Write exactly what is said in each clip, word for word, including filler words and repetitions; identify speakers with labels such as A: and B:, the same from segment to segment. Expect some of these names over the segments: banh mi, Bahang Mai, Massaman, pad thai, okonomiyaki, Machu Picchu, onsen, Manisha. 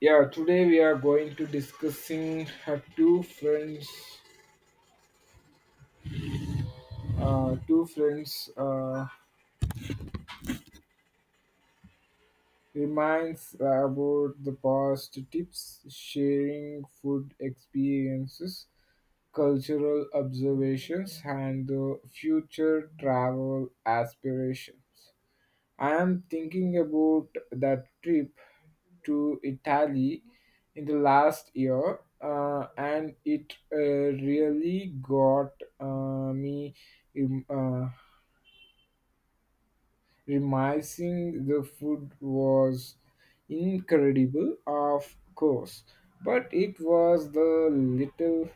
A: Yeah, today we are going to discussing uh, two friends. Uh, two friends uh, Reminds about the past tips, sharing food experiences, cultural observations, and the future travel aspirations. I am thinking about that trip to Italy in the last year, uh, and it uh, really got uh, me rem- uh, remising the food was incredible, of course, but it was the little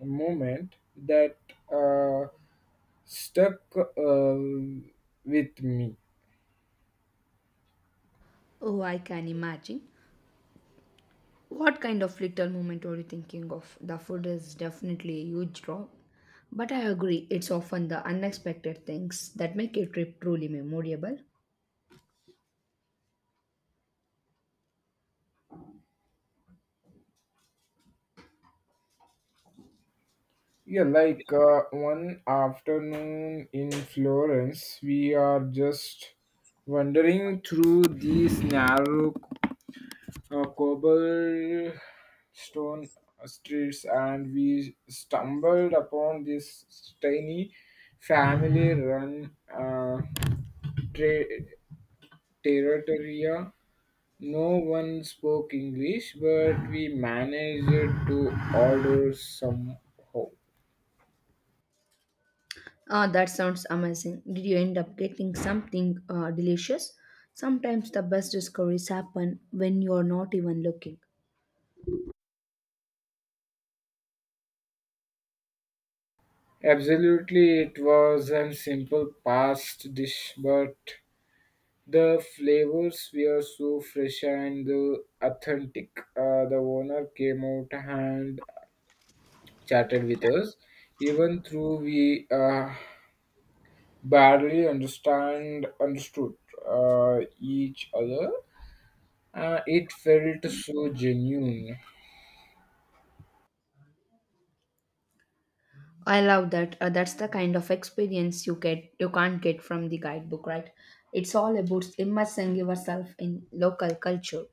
A: moment that uh, stuck uh, with me.
B: Oh, I can imagine. What kind of little moment are you thinking of? The food is definitely a huge draw. But I agree, it's often the unexpected things that make a trip truly memorable.
A: Yeah, like uh, one afternoon in Florence, we are just wandering through these narrow uh, cobblestone streets, and we stumbled upon this tiny family-run uh, tra- territoria. No one spoke English, but we managed to order some.
B: Ah, that sounds amazing. Did you end up getting something uh, delicious? Sometimes the best discoveries happen when you're not even looking.
A: Absolutely, it was a simple past dish, but the flavors were so fresh and uh, authentic. Uh, the owner came out and chatted with us, even though we uh, barely understand understood uh, each other. Uh, it felt so genuine.
B: I love that. Uh, that's the kind of experience you get you can't get from the guidebook, right? It's all about immersing yourself in local culture.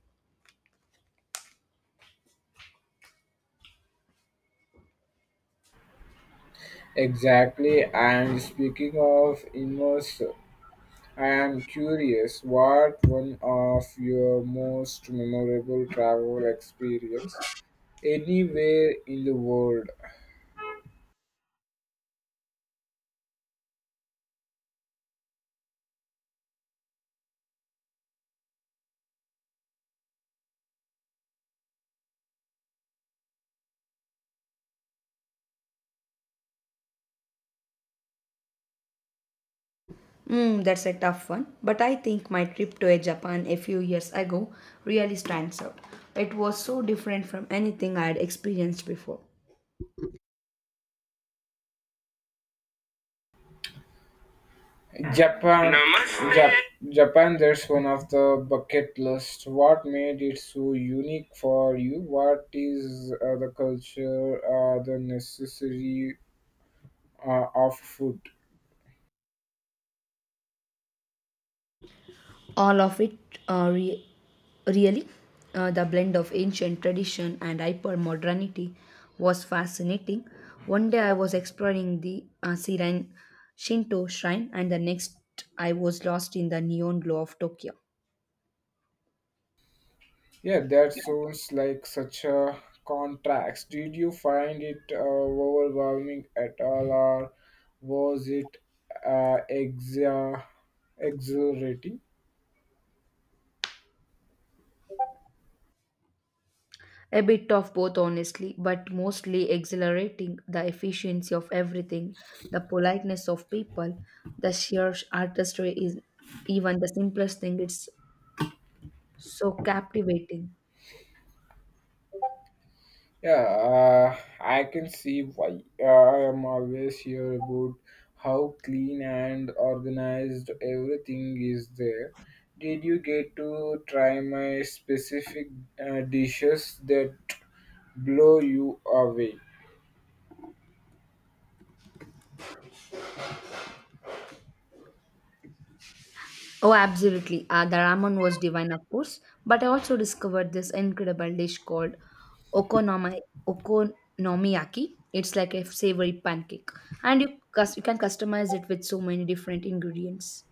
A: Exactly, and speaking of immerse. I am curious what one of your most memorable travel experience anywhere in the world.
B: Mm, that's a tough one, but I think my trip to eh, Japan a few years ago really stands out. It was so different from anything I had experienced before.
A: Japan Namaste. Jap- Japan, that's one of the bucket list. What made it so unique for you? What is uh, the culture, uh, the necessary uh, of food?
B: All of it, uh, re- really, uh, the blend of ancient tradition and hyper modernity was fascinating. One day I was exploring the uh, Siren Shinto shrine, and the next I was lost in the neon glow of Tokyo.
A: Yeah, that sounds like such a contrast. Did you find it uh, overwhelming at all, or was it uh, exa- exhilarating?
B: A bit of both, honestly, but mostly exhilarating the efficiency of everything, the politeness of people, the sheer artistry is even the simplest thing. It's so captivating.
A: Yeah, uh, I can see why. uh, I am always here about how clean and organized everything is there. Did you get to try my specific uh, dishes that blow you away?
B: Oh, absolutely. Uh, the ramen was divine, of course, but I also discovered this incredible dish called okonomi- okonomiyaki. It's like a savory pancake, and you, cus- you can customize it with so many different ingredients.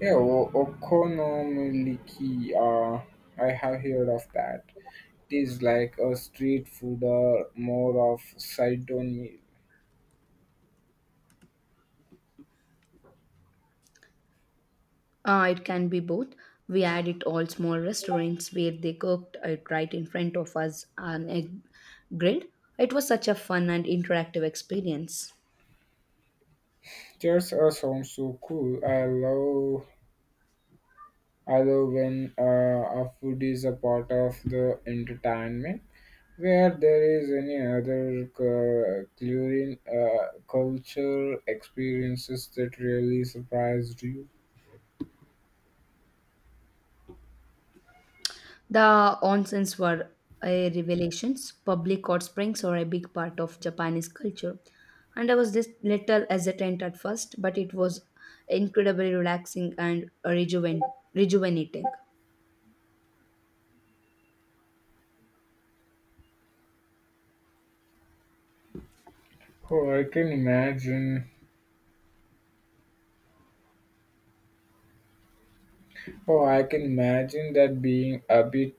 A: Yeah, o- okonomiyaki. Uh, I have heard of that. It is like a street food or more of side down meal.
B: Uh, it can be both. We had it all small restaurants where they cooked it right in front of us on a grill. It was such a fun and interactive experience.
A: Just uh, sounds so cool. I love, I love when uh, a food is a part of the entertainment. Where there is any other cu- culinary uh, culture experiences that really surprised you?
B: The onsens were a revelations. Public hot springs are a big part of Japanese culture. And I was this little hesitant at first, but it was incredibly relaxing and rejuven- rejuvenating.
A: Oh, I can imagine Oh, I can imagine that being a bit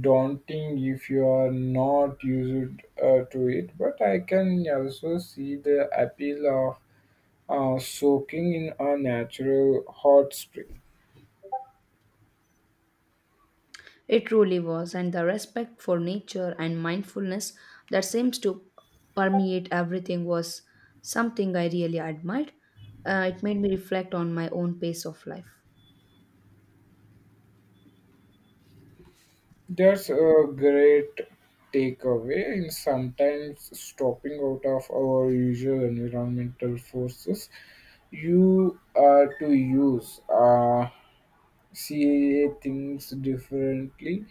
A: daunting if you are not used uh, to it, but I can also see the appeal of uh, soaking in a natural hot spring.
B: It truly was, and the respect for nature and mindfulness that seems to permeate everything was something I really admired. Uh, it made me reflect on my own pace of life.
A: That's a great takeaway, and sometimes stopping out of our usual environmental forces you are to use. Uh, C A A thinks differently.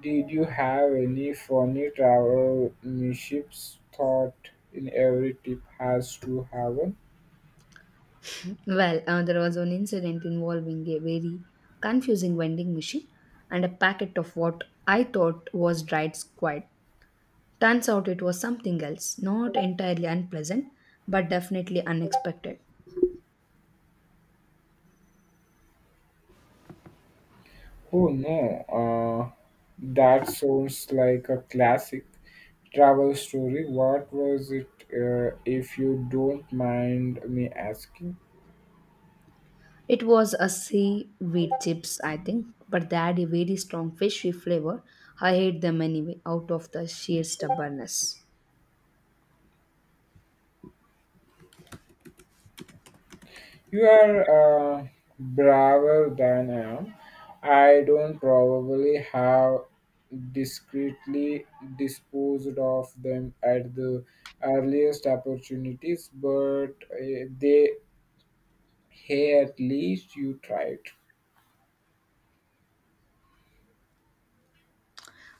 A: Did you have any funny travel mishaps? Thought in every trip has to have one.
B: Well, uh, there was an incident involving a very confusing vending machine and a packet of what I thought was dried squid. Turns out it was something else, not entirely unpleasant, but definitely unexpected.
A: Oh no, uh, that sounds like a classic travel story. What was it, uh, if you don't mind me asking?
B: It was a seaweed chips, I think, but they had a very strong fishy flavor. I hate them anyway, out of the sheer stubbornness.
A: You are uh, braver than I am. I don't probably have discreetly disposed of them at the earliest opportunities, but uh, they, hey, at least you tried.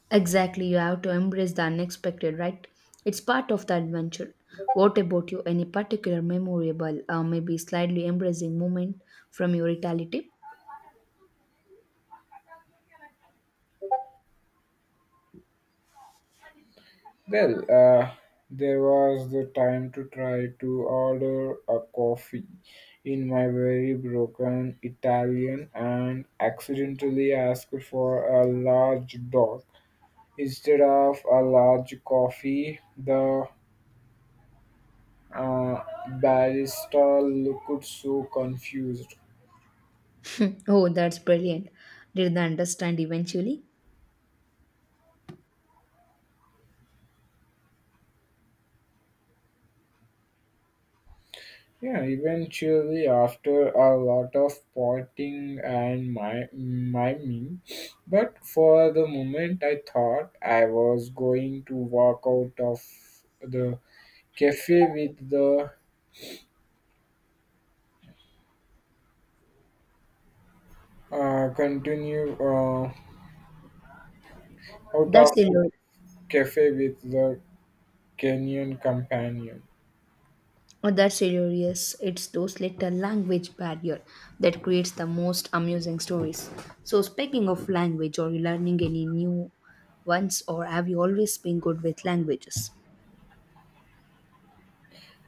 B: Exactly, you have to embrace the unexpected, right? It's part of the adventure. What about you? Any particular memorable, uh, maybe slightly embracing moment from your Italy
A: Well, uh, there was the time to try to order a coffee in my very broken Italian and accidentally ask for a large dog instead of a large coffee. The uh, barista looked so confused.
B: trip? Oh, that's brilliant. Did they understand eventually?
A: Yeah, eventually, after a lot of pointing and my miming, but for the moment, I thought I was going to walk out of the cafe with the uh, continue uh, out of
B: That's the
A: the cafe with the Kenyan companion.
B: oh, that's hilarious. It's those little language barrier that creates the most amusing stories. So, speaking of language, are you learning any new ones or have you always been good with languages?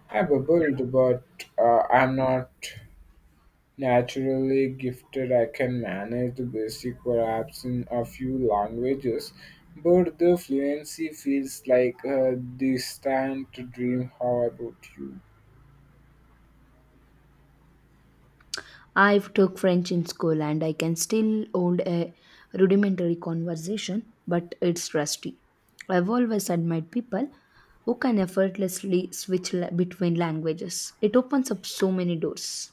A: I bubbled, but uh, I'm not naturally gifted. I can manage the basic perhaps in a few languages, but the fluency feels like a distant dream. How about you?
B: I have took French in school and I can still hold a rudimentary conversation, but it's rusty. I've always admired people who can effortlessly switch la- between languages. It opens up so many doors.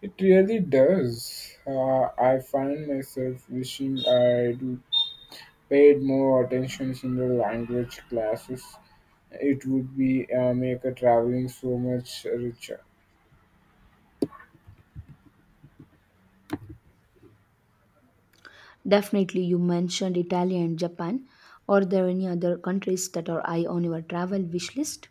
A: It really does. Uh, I find myself wishing I do paid more attention in the language classes. It would be uh, make a traveling so much richer.
B: Definitely, you mentioned Italy and Japan. Are there any other countries that are high on your travel wish list?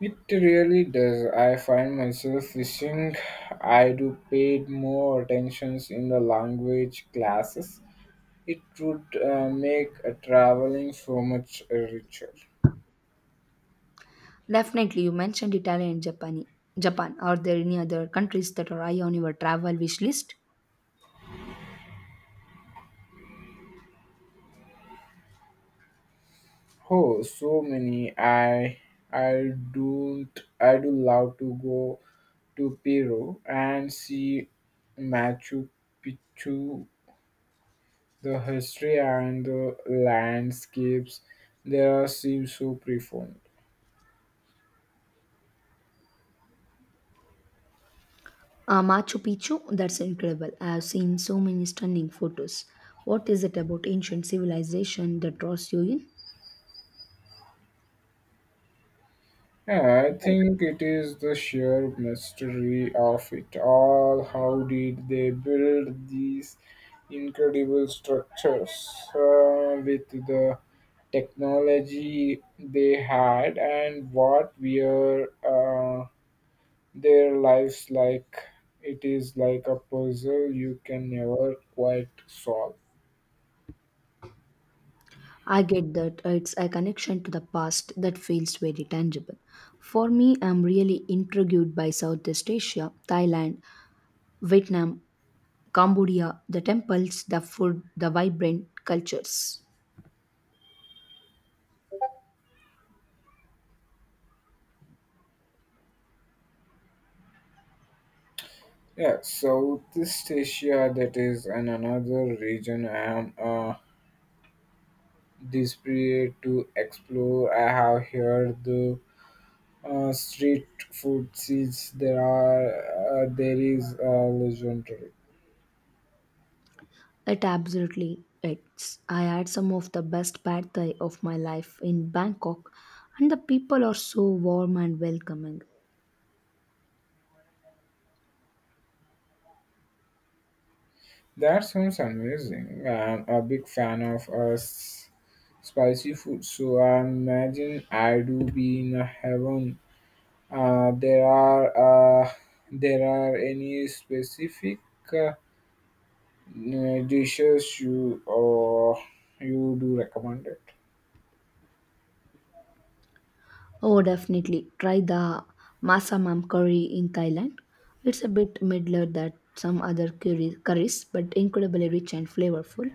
A: It really does. I find myself wishing I do paid more attentions in the language classes. It would uh, make uh, traveling so much uh, richer.
B: Definitely, you mentioned Italy and Japan. Japan. Are there any other countries that are high on your travel wish list?
A: Oh, so many. I I don't. I do love to go to Peru and see Machu Picchu. The history and the landscapes there seem so profound.
B: Uh, Machu Picchu, that's incredible. I have seen so many stunning photos. What is it about ancient civilization that draws you in?
A: Yeah, I think it is the sheer mystery of it all. How did they build these incredible structures uh, with the technology they had, and what were uh, their lives like? It is like a puzzle you can never quite solve.
B: I get that it's a connection to the past that feels very tangible. For me, I'm really intrigued by Southeast Asia, Thailand, Vietnam, Cambodia, the temples, the food, the vibrant cultures.
A: Yeah, Southeast Asia, that is an another region I am uh, desperate to explore. I have heard the uh, street food scenes there are uh, there is uh, legendary.
B: It absolutely it's I had some of the best pad thai of my life in Bangkok and the people are so warm and welcoming.
A: That sounds amazing. I'm a big fan of uh, s- spicy food, so I imagine I do be in a heaven. Uh, there are uh, there are any specific uh, dishes you uh, you do recommend?
B: Oh definitely try the Masamam curry in Thailand. It's a bit middler than some other curry, curries but incredibly rich and flavorful.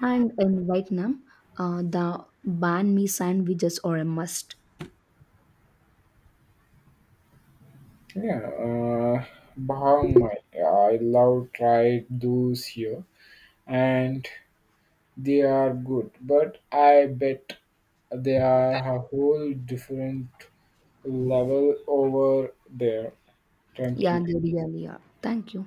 B: And in Vietnam, uh, the banh mi sandwiches are a must.
A: Yeah, uh, Bahang Mai. I love tried those here, and they are good. But I bet they are a whole different level over there. Thank
B: Yeah,
A: you.
B: they really are. Thank you.